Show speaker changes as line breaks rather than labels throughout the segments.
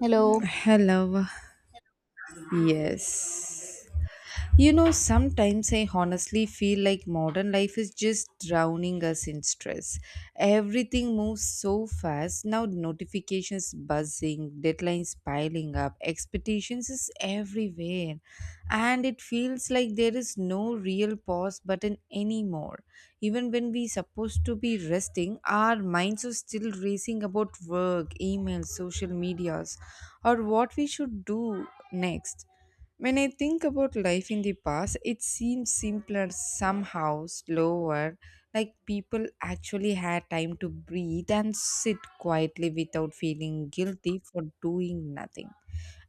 Hello.
Hello. Yes. You know, sometimes I honestly feel like modern life is just drowning us in stress. Everything moves so fast now, notifications buzzing, deadlines piling up, expectations is everywhere, and it feels like there is no real pause button anymore. Even when we supposed to be resting, our minds are still racing about work, emails, social medias, or what we should do next when I think about life in the past, it seems simpler somehow, slower, like people actually had time to breathe and sit quietly without feeling guilty for doing nothing.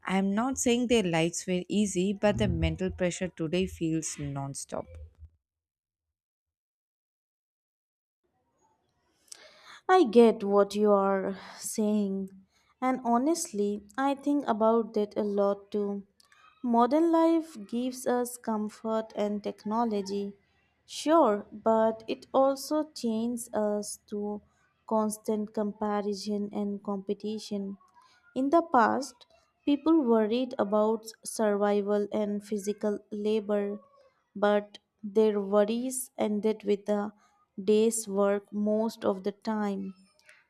I'm not saying their lives were easy, but the mental pressure today feels nonstop.
I get what you are saying, and honestly, I think about that a lot too. Modern life gives us comfort and technology, sure, but it also chains us to constant comparison and competition. In the past, people worried about survival and physical labor, but their worries ended with a day's work most of the time.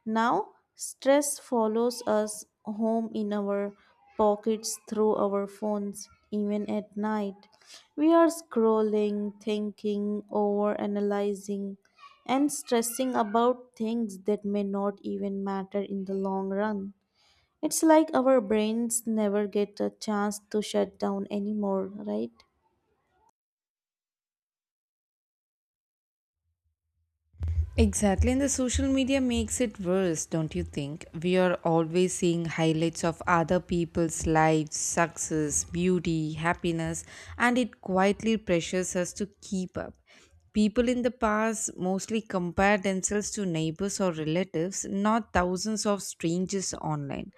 Now, stress follows us home in our pockets through our phones, even at night. We are scrolling, thinking, overanalyzing, and stressing about things that may not even matter in the long run. It's like our brains never get a chance to shut down anymore, right?
Exactly, and the social media makes it worse, don't you think? We are always seeing highlights of other people's lives, success, beauty, happiness, and it quietly pressures us to keep up. People in the past mostly compare themselves to neighbors or relatives, not thousands of strangers online.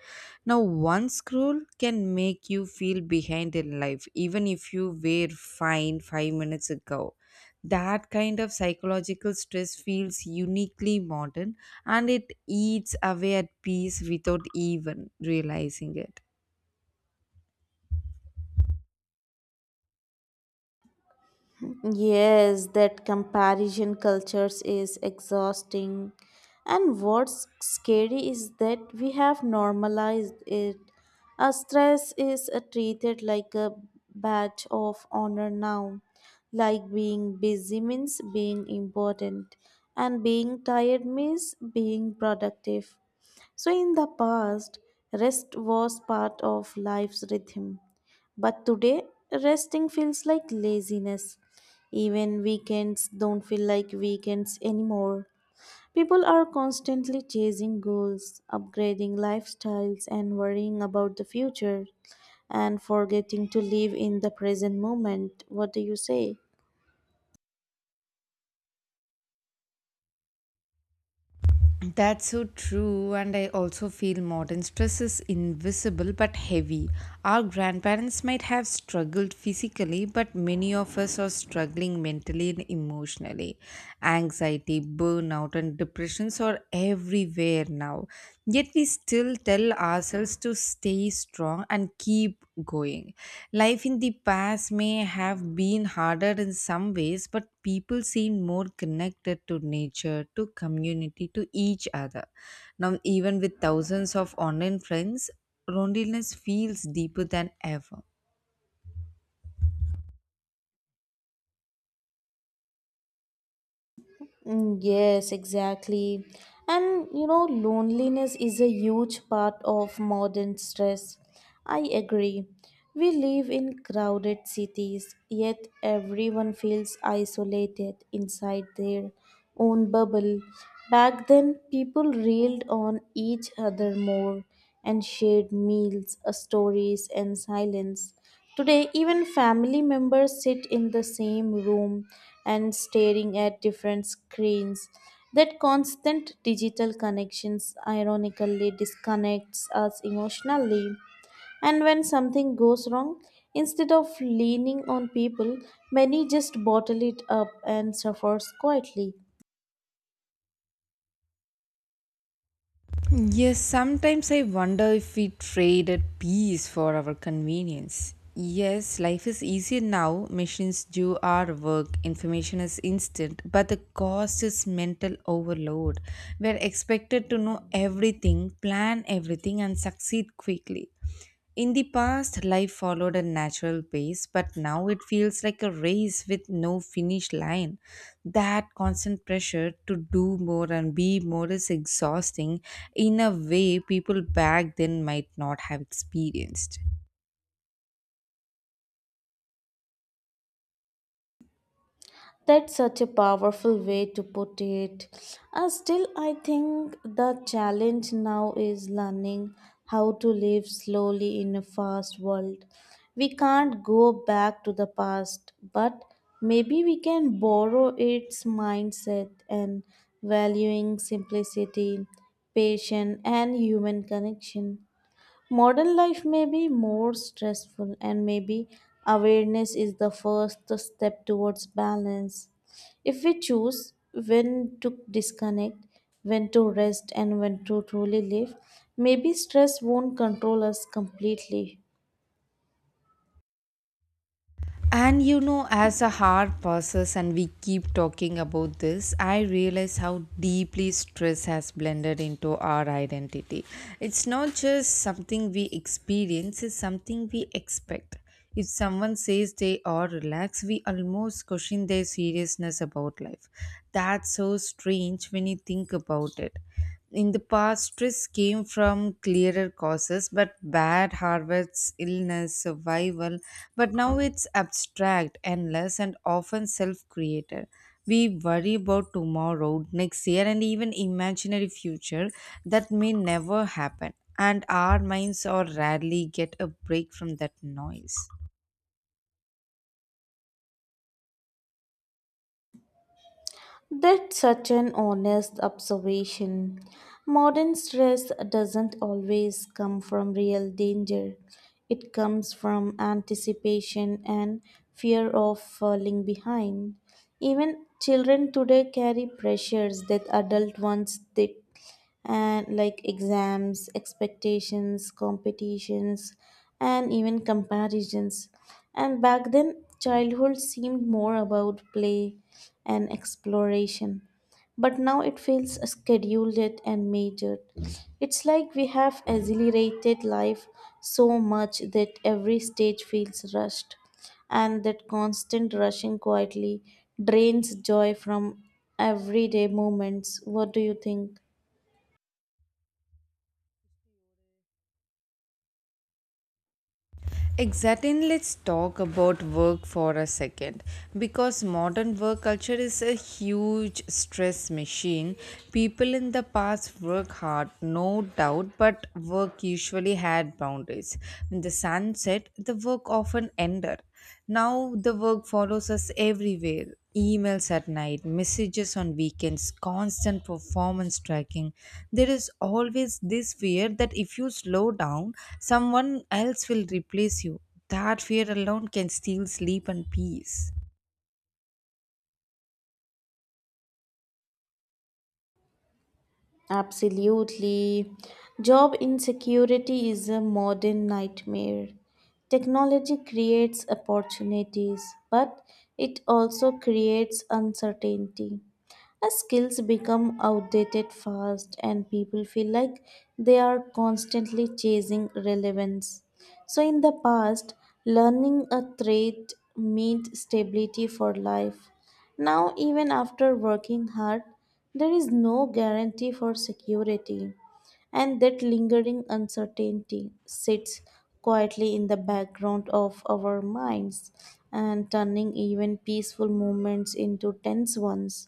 Now, one scroll can make you feel behind in life, even if you were fine 5 minutes ago. That kind of psychological stress feels uniquely modern and it eats away at peace without even realizing it.
Yes, that comparison cultures is exhausting. And what's scary is that we have normalized it. A stress is treated like a badge of honor now. Like being busy means being important, and being tired means being productive. So, in the past, rest was part of life's rhythm. But today, resting feels like laziness. Even weekends don't feel like weekends anymore. People are constantly chasing goals, upgrading lifestyles, and worrying about the future and forgetting to live in the present moment. What do you say?
That's so true, and I also feel modern stress is invisible but heavy. Our grandparents might have struggled physically, but many of us are struggling mentally and emotionally. Anxiety, burnout, and depressions are everywhere now. Yet we still tell ourselves to stay strong and keep going. Life in the past may have been harder in some ways, but people seem more connected to nature, to community, to each other. Now, even with thousands of online friends, loneliness feels deeper than ever.
Mm, yes, exactly. And you know, loneliness is a huge part of modern stress. I agree. We live in crowded cities, yet everyone feels isolated inside their own bubble. Back then, people reeled on each other more and shared meals, stories, and silence. Today, even family members sit in the same room and staring at different screens. That constant digital connections ironically disconnects us emotionally. And when something goes wrong, instead of leaning on people, many just bottle it up and suffers quietly.
Yes, sometimes I wonder if we traded peace for our convenience. Yes, life is easier now. Machines do our work, information is instant, but the cost is mental overload. We are expected to know everything, plan everything, and succeed quickly. In the past, life followed a natural pace, but now it feels like a race with no finish line. That constant pressure to do more and be more is exhausting in a way people back then might not have experienced.
That's such a powerful way to put it. Still, I think the challenge now is learning how to live slowly in a fast world. We can't go back to the past, but maybe we can borrow its mindset and valuing simplicity, patience, and human connection. Modern life may be more stressful, and maybe awareness is the first step towards balance. If we choose when to disconnect, when to rest, and when to truly live, maybe stress won't control us completely.
And you know, as a hard passes and we keep talking about this, I realize how deeply stress has blended into our identity. It's not just something we experience, it's something we expect. If someone says they are relaxed, we almost question their seriousness about life. That's so strange when you think about it. In the past, stress came from clearer causes, but bad harvests, illness, survival. But now it's abstract, endless, and often self created. We worry about tomorrow, next year, and even imaginary future that may never happen. And our minds are rarely get a break from that noise.
That's such an honest observation. Modern stress doesn't always come from real danger, it comes from anticipation and fear of falling behind. Even children today carry pressures that adult ones did and like exams, expectations, competitions, and even comparisons. And back then, childhood seemed more about play and exploration. But now it feels scheduled and measured. It's like we have accelerated life so much that every stage feels rushed, and that constant rushing quietly drains joy from everyday moments. What do you think?
Exactly, and let's talk about work for a second because modern work culture is a huge stress machine. People in the past work hard, no doubt, but work usually had boundaries. When the sun set, the work often ended. Now the work follows us everywhere emails at night, messages on weekends, constant performance tracking. There is always this fear that if you slow down, someone else will replace you. That fear alone can steal sleep and peace.
Absolutely. Job insecurity is a modern nightmare. Technology creates opportunities, but it also creates uncertainty. As skills become outdated fast, and people feel like they are constantly chasing relevance. So, in the past, learning a trade meant stability for life. Now, even after working hard, there is no guarantee for security, and that lingering uncertainty sits quietly in the background of our minds and turning even peaceful moments into tense ones.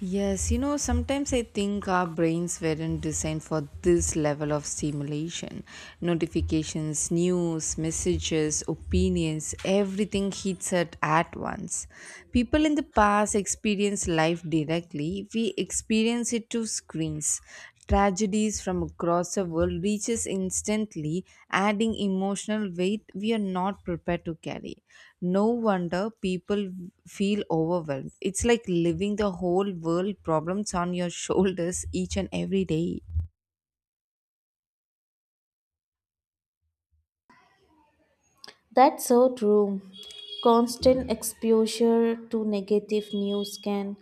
Yes, you know, sometimes I think our brains weren't designed for this level of stimulation. Notifications, news, messages, opinions, everything hits at once. People in the past experience life directly, we experience it through screens tragedies from across the world reaches instantly adding emotional weight we are not prepared to carry no wonder people feel overwhelmed it's like living the whole world problems on your shoulders each and every day.
That's so true. Constant exposure to negative news can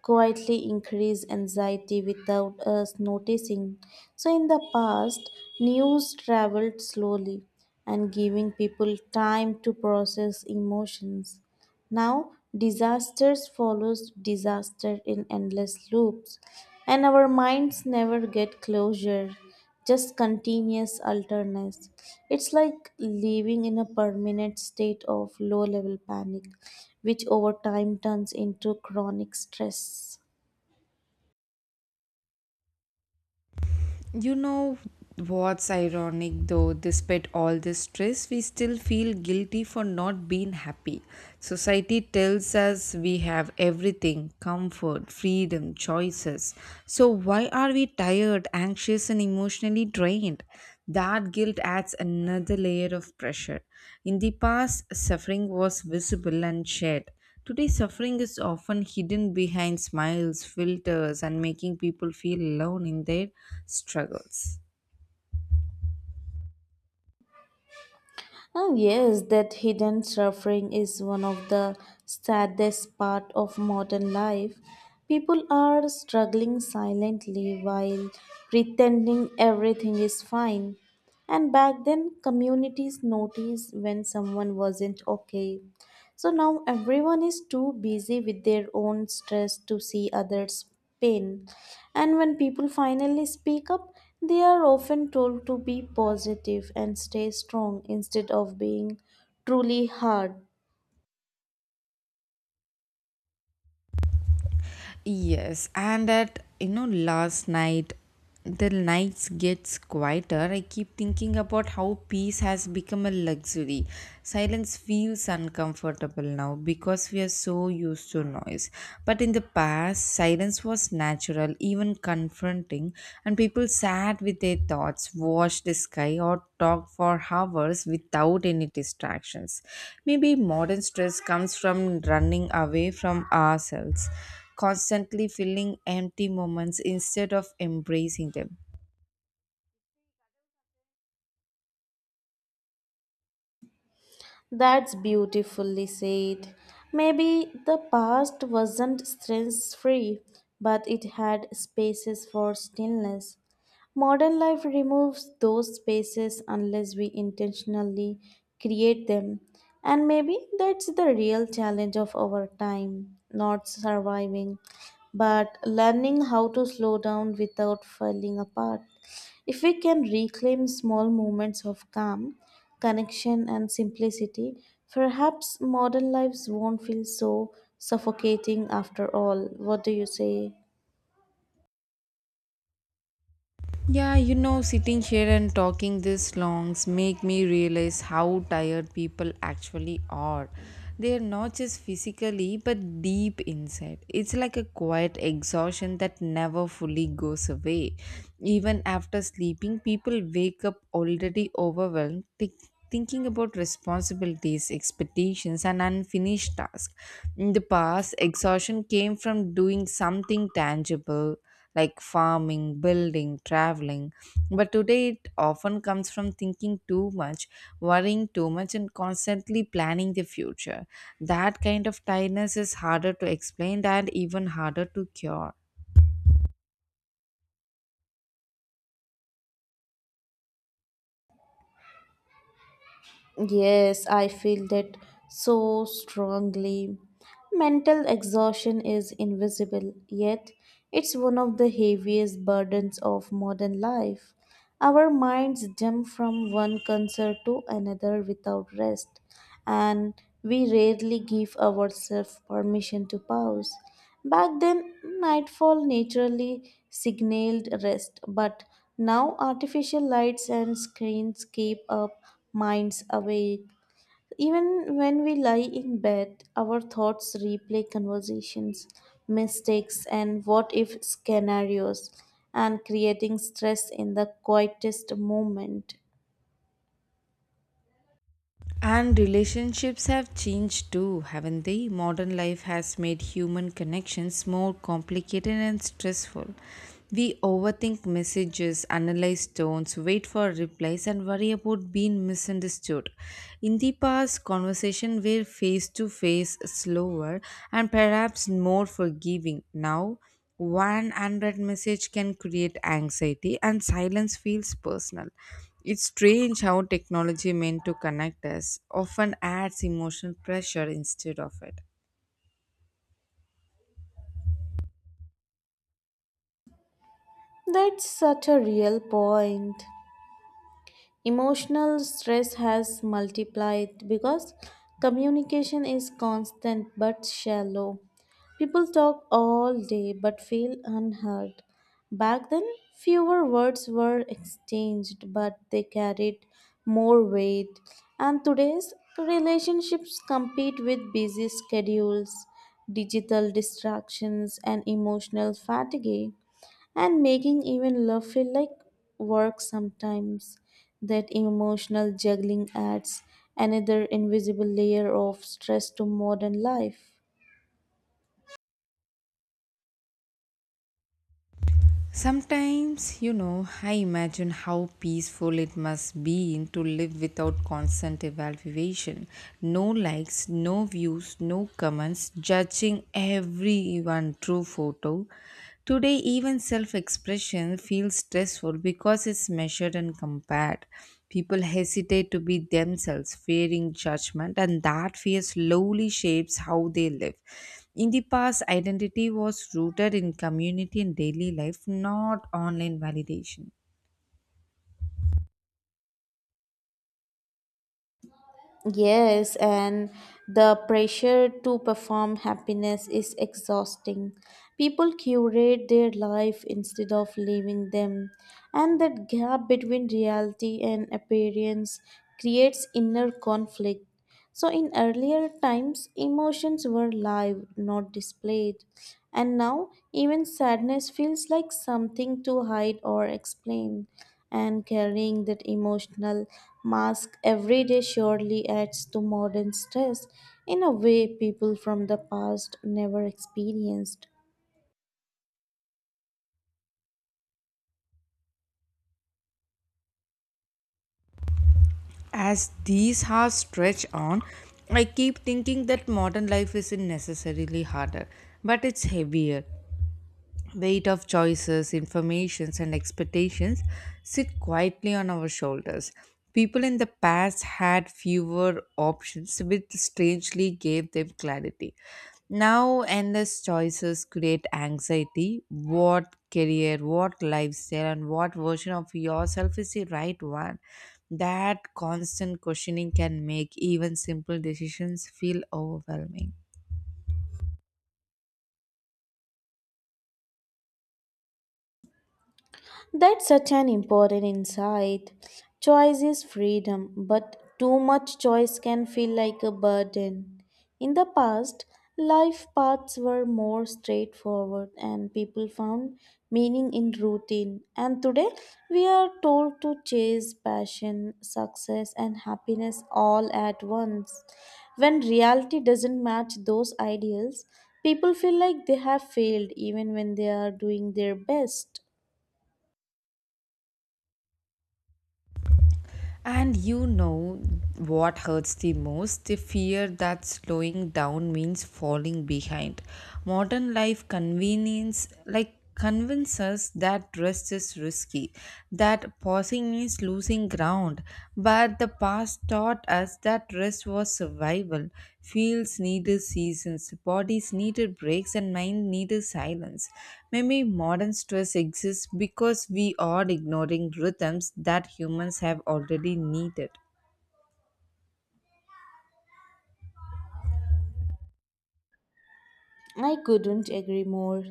quietly increase anxiety without us noticing. So, in the past, news traveled slowly and giving people time to process emotions. Now, disasters follows disaster in endless loops, and our minds never get closure, just continuous alertness. It's like living in a permanent state of low level panic, which over time turns into chronic stress.
You know what's ironic though, despite all this stress, we still feel guilty for not being happy. Society tells us we have everything comfort, freedom, choices. So, why are we tired, anxious, and emotionally drained? That guilt adds another layer of pressure. In the past, suffering was visible and shared. Today, suffering is often hidden behind smiles, filters, and making people feel alone in their struggles.
Oh, yes, that hidden suffering is one of the saddest part of modern life. People are struggling silently while pretending everything is fine. And back then, communities noticed when someone wasn't okay. So now everyone is too busy with their own stress to see others' pain. And when people finally speak up, they are often told to be positive and stay strong instead of being truly hard.
Yes, and last night the nights gets quieter. I keep thinking about how peace has become a luxury. Silence feels uncomfortable now because we are so used to noise. But in the past, silence was natural, even confronting, and people sat with their thoughts, watched the sky, or talked for hours without any distractions. Maybe modern stress comes from running away from ourselves constantly filling empty moments instead of embracing them.
That's beautifully said. Maybe the past wasn't stress free, but it had spaces for stillness. Modern life removes those spaces unless we intentionally create them. And maybe that's the real challenge of our time not surviving, but learning how to slow down without falling apart. If we can reclaim small moments of calm, connection, and simplicity. Perhaps modern lives won't feel so suffocating after all. What do you say?
Yeah, you know, sitting here and talking this longs make me realize how tired people actually are. They are not just physically but deep inside. It's like a quiet exhaustion that never fully goes away. Even after sleeping, people wake up already overwhelmed, thinking about responsibilities, expectations, and unfinished tasks. In the past, exhaustion came from doing something tangible like farming, building, traveling. But today, it often comes from thinking too much, worrying too much, and constantly planning the future. That kind of tiredness is harder to explain and even harder to cure.
Yes, I feel that so strongly. Mental exhaustion is invisible, yet it's one of the heaviest burdens of modern life. Our minds jump from one concern to another without rest, and we rarely give ourselves permission to pause. Back then, nightfall naturally signaled rest, but now artificial lights and screens keep our minds awake. Even when we lie in bed, our thoughts replay conversations, mistakes, and what if scenarios, and creating stress in the quietest moment.
And relationships have changed too, haven't they? Modern life has made human connections more complicated and stressful. We overthink messages, analyze tones, wait for replies, and worry about being misunderstood. In the past, conversations were face to face, slower, and perhaps more forgiving. Now, 100 message can create anxiety and silence feels personal. It's strange how technology meant to connect us often adds emotional pressure instead of it.
That's such a real point. Emotional stress has multiplied because communication is constant but shallow. People talk all day but feel unheard. Back then, fewer words were exchanged but they carried more weight. And today's relationships compete with busy schedules, digital distractions, and emotional fatigue and making even love feel like work sometimes. That emotional juggling adds another invisible layer of stress to modern life.
Sometimes, you know, I imagine how peaceful it must be to live without constant evaluation. No likes, no views, no comments, judging everyone through photo. Today, even self expression feels stressful because it's measured and compared. People hesitate to be themselves, fearing judgment, and that fear slowly shapes how they live. In the past, identity was rooted in community and daily life, not online validation.
Yes, and the pressure to perform happiness is exhausting. People curate their life instead of living them, and that gap between reality and appearance creates inner conflict. So, in earlier times, emotions were live, not displayed. And now, even sadness feels like something to hide or explain. And carrying that emotional mask every day surely adds to modern stress in a way people from the past never experienced.
As these hours stretch on, I keep thinking that modern life isn't necessarily harder, but it's heavier. Weight of choices, informations, and expectations sit quietly on our shoulders. People in the past had fewer options, which strangely gave them clarity. Now, endless choices create anxiety. What career, what lifestyle, and what version of yourself is the right one? That constant questioning can make even simple decisions feel overwhelming.
That's such an important insight. Choice is freedom, but too much choice can feel like a burden. In the past, life paths were more straightforward and people found meaning in routine. And today, we are told to chase passion, success, and happiness all at once. When reality doesn't match those ideals, people feel like they have failed even when they are doing their best.
And you know what hurts the most? The fear that slowing down means falling behind. Modern life convenience, like convinces us that rest is risky, that pausing means losing ground. But the past taught us that rest was survival. Fields needed seasons, bodies needed breaks, and mind needed silence. Maybe modern stress exists because we are ignoring rhythms that humans have already needed.
I couldn't agree more.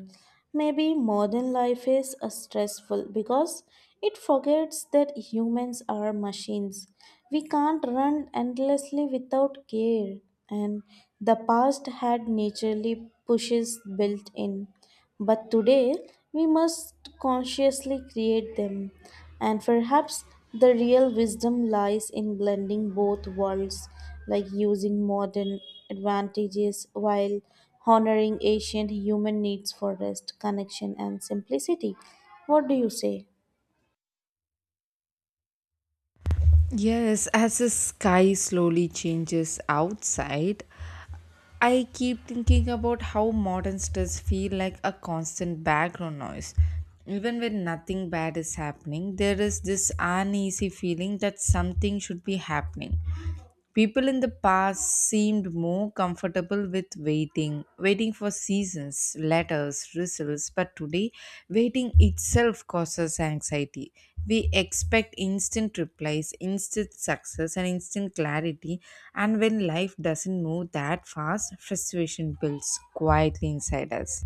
Maybe modern life is stressful because it forgets that humans are machines. We can't run endlessly without care, and the past had naturally pushes built in. But today, we must consciously create them. And perhaps the real wisdom lies in blending both worlds, like using modern advantages while honoring ancient human needs for rest, connection, and simplicity. What do you say?
Yes, as the sky slowly changes outside, I keep thinking about how modern stress feel like a constant background noise. Even when nothing bad is happening, there is this uneasy feeling that something should be happening. People in the past seemed more comfortable with waiting, waiting for seasons, letters, results, but today waiting itself causes anxiety. We expect instant replies, instant success, and instant clarity, and when life doesn't move that fast, frustration builds quietly inside us.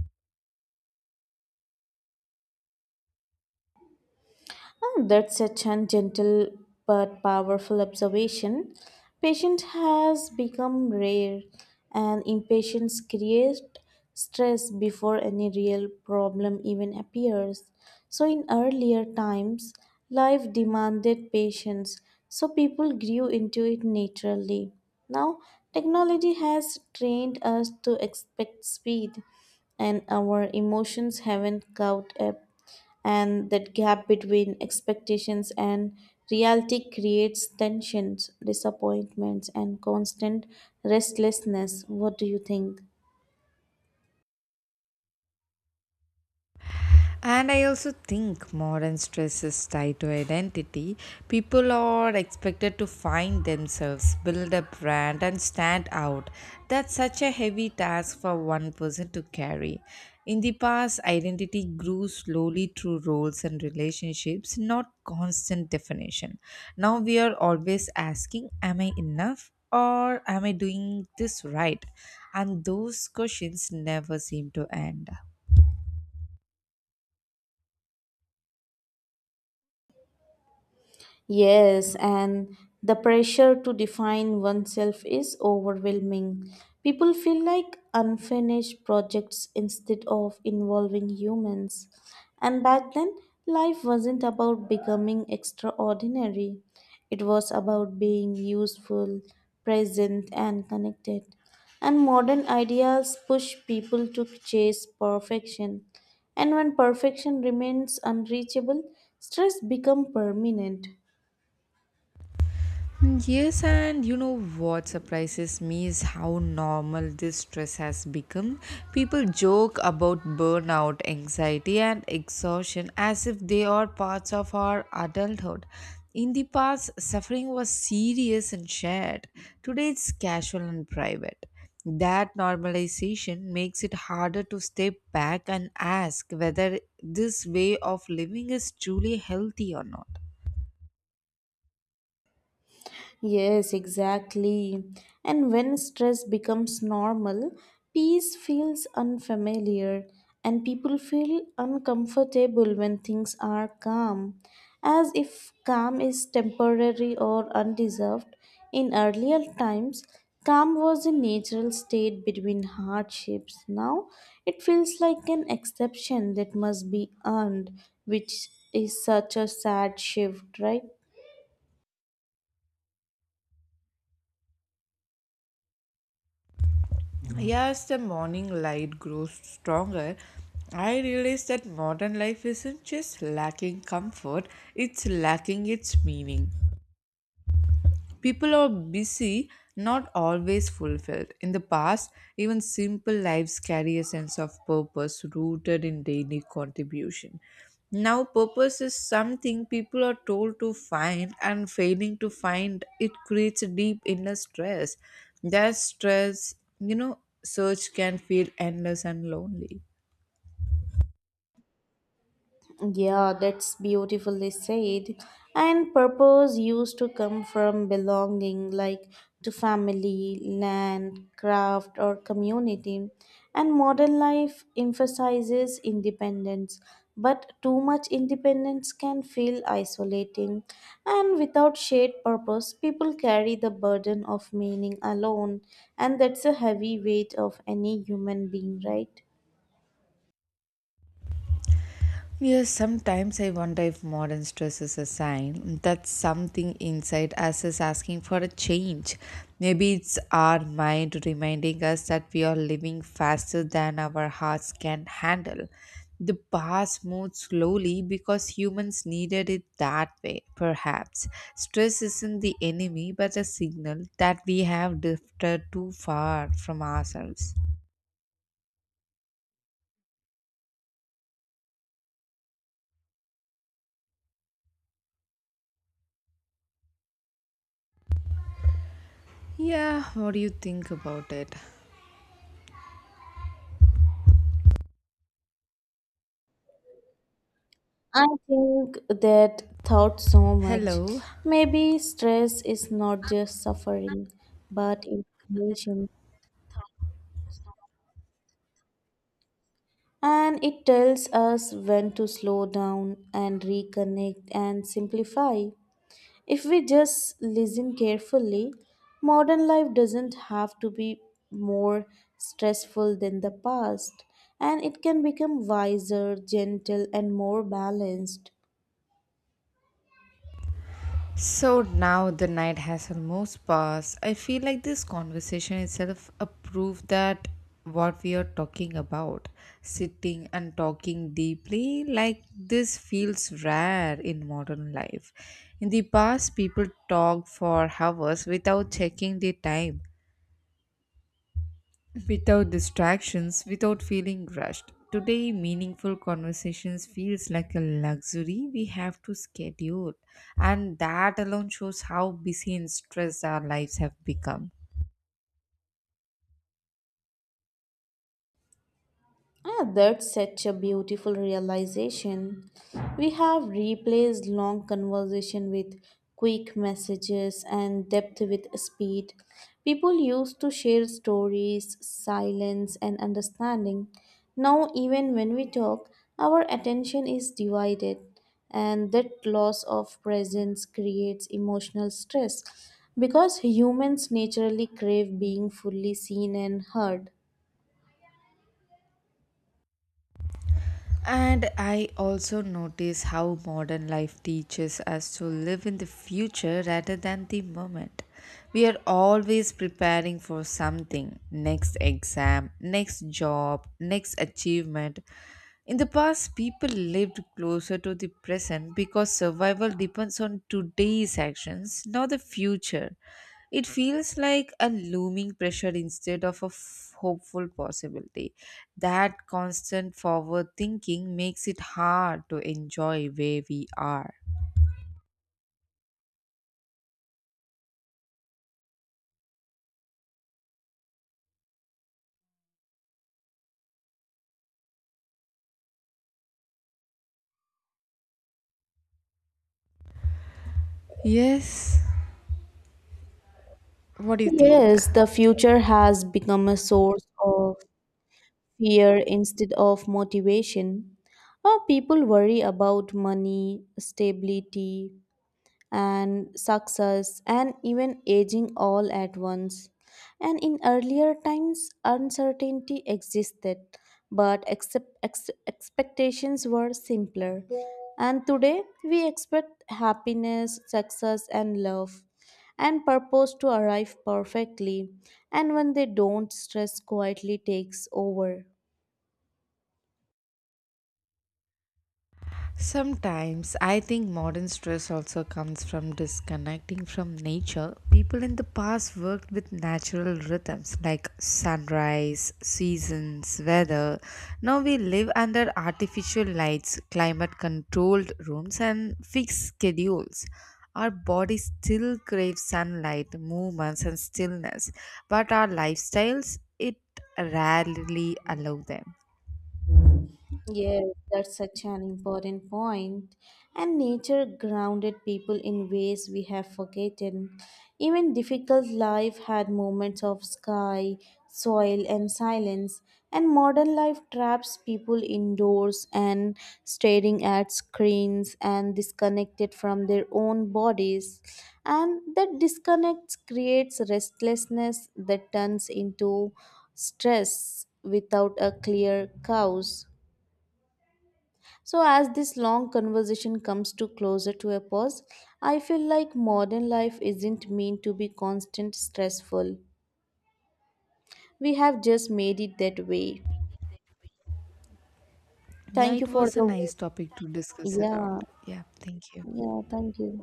Oh, that's such a gentle but powerful observation. Patience has become rare, and impatience creates stress before any real problem even appears. So, in earlier times, life demanded patience, so people grew into it naturally. Now, technology has trained us to expect speed, and our emotions haven't caught up and that gap between expectations and reality creates tensions, disappointments, and constant restlessness. What do you think?
And I also think modern stress is tied to identity. People are expected to find themselves, build a brand, and stand out. That's such a heavy task for one person to carry. In the past, identity grew slowly through roles and relationships, not constant definition. Now we are always asking, am I enough? Or am I doing this right? And those questions never seem to end.
Yes, and the pressure to define oneself is overwhelming. People feel like unfinished projects instead of involving humans. And back then, life wasn't about becoming extraordinary, it was about being useful, present, and connected. And modern ideas push people to chase perfection. And when perfection remains unreachable, stress becomes permanent.
Yes, and you know what surprises me is how normal this stress has become. People joke about burnout, anxiety, and exhaustion as if they are parts of our adulthood. In the past, suffering was serious and shared. Today, it's casual and private. That normalization makes it harder to step back and ask whether this way of living is truly healthy or not.
Yes, exactly. And when stress becomes normal, peace feels unfamiliar and people feel uncomfortable when things are calm, as if calm is temporary or undeserved. In earlier times, calm was a natural state between hardships. Now, it feels like an exception that must be earned, which is such a sad shift, right?
Yes, the morning light grows stronger. I realize that modern life isn't just lacking comfort, it's lacking its meaning. People are busy, not always fulfilled. In the past, even simple lives carry a sense of purpose rooted in daily contribution. Now, purpose is something people are told to find, and failing to find it creates a deep inner stress. That stress, you know, search can feel endless and lonely.
Yeah, that's beautifully said. And purpose used to come from belonging, like to family, land, craft, or community. And modern life emphasizes independence, but too much independence can feel isolating. And without shared purpose, people carry the burden of meaning alone, and that's a heavy weight of any human being, right?
Yes, sometimes I wonder if modern stress is a sign that something inside us is asking for a change. Maybe it's our mind reminding us that we are living faster than our hearts can handle. The past moved slowly because humans needed it that way, perhaps. Stress isn't the enemy but a signal that we have drifted too far from ourselves. Yeah, what do you think about it?
I think that thought so much.
Hello.
Maybe stress is not just suffering, but information. And it tells us when to slow down and reconnect and simplify. If we just listen carefully, modern life doesn't have to be more stressful than the past, and it can become wiser, gentle, and more balanced.
So now the night has almost passed. I feel like this conversation itself a proof that what we are talking about, sitting and talking deeply, like this feels rare in modern life. In the past, people talked for hours without checking the time, without distractions, without feeling rushed. Today, meaningful conversations feels like a luxury we have to schedule, and that alone shows how busy and stressed our lives have become.
Ah, that's such a beautiful realization. We have replaced long conversation with quick messages and depth with speed. People used to share stories, silence, and understanding. Now, even when we talk, our attention is divided, and that loss of presence creates emotional stress because humans naturally crave being fully seen and heard.
And I also notice how modern life teaches us to live in the future rather than the moment. We are always preparing for something next exam, next job, next achievement. In the past, people lived closer to the present because survival depends on today's actions, not the future. It feels like a looming pressure instead of a hopeful possibility. That constant forward thinking makes it hard to enjoy where we are. Yes, what do you think?
Yes, the future has become a source of fear instead of motivation. People worry about money, stability, and success and even aging all at once. And in earlier times, uncertainty existed, but expectations were simpler. And today, we expect happiness, success, and love, and purpose to arrive perfectly. And when they don't, stress quietly takes over.
Sometimes I think modern stress also comes from disconnecting from nature. People in the past worked with natural rhythms like sunrise, seasons, weather. Now we live under artificial lights, climate controlled rooms, and fixed schedules. Our body still craves sunlight, movements, and stillness, but our lifestyles, it rarely allow them.
Yes, that's such an important point. And nature grounded people in ways we have forgotten. Even difficult life had moments of sky, soil, and silence. And modern life traps people indoors and staring at screens and disconnected from their own bodies. And that disconnect creates restlessness that turns into stress without a clear cause. So, as this long conversation comes to closer to a pause, I feel like modern life isn't meant to be constant stressful. We have just made it that way.
Yeah,
Thank you
it
for
was a
the
nice topic to discuss
yeah,
around. Yeah, thank you.
yeah, thank you.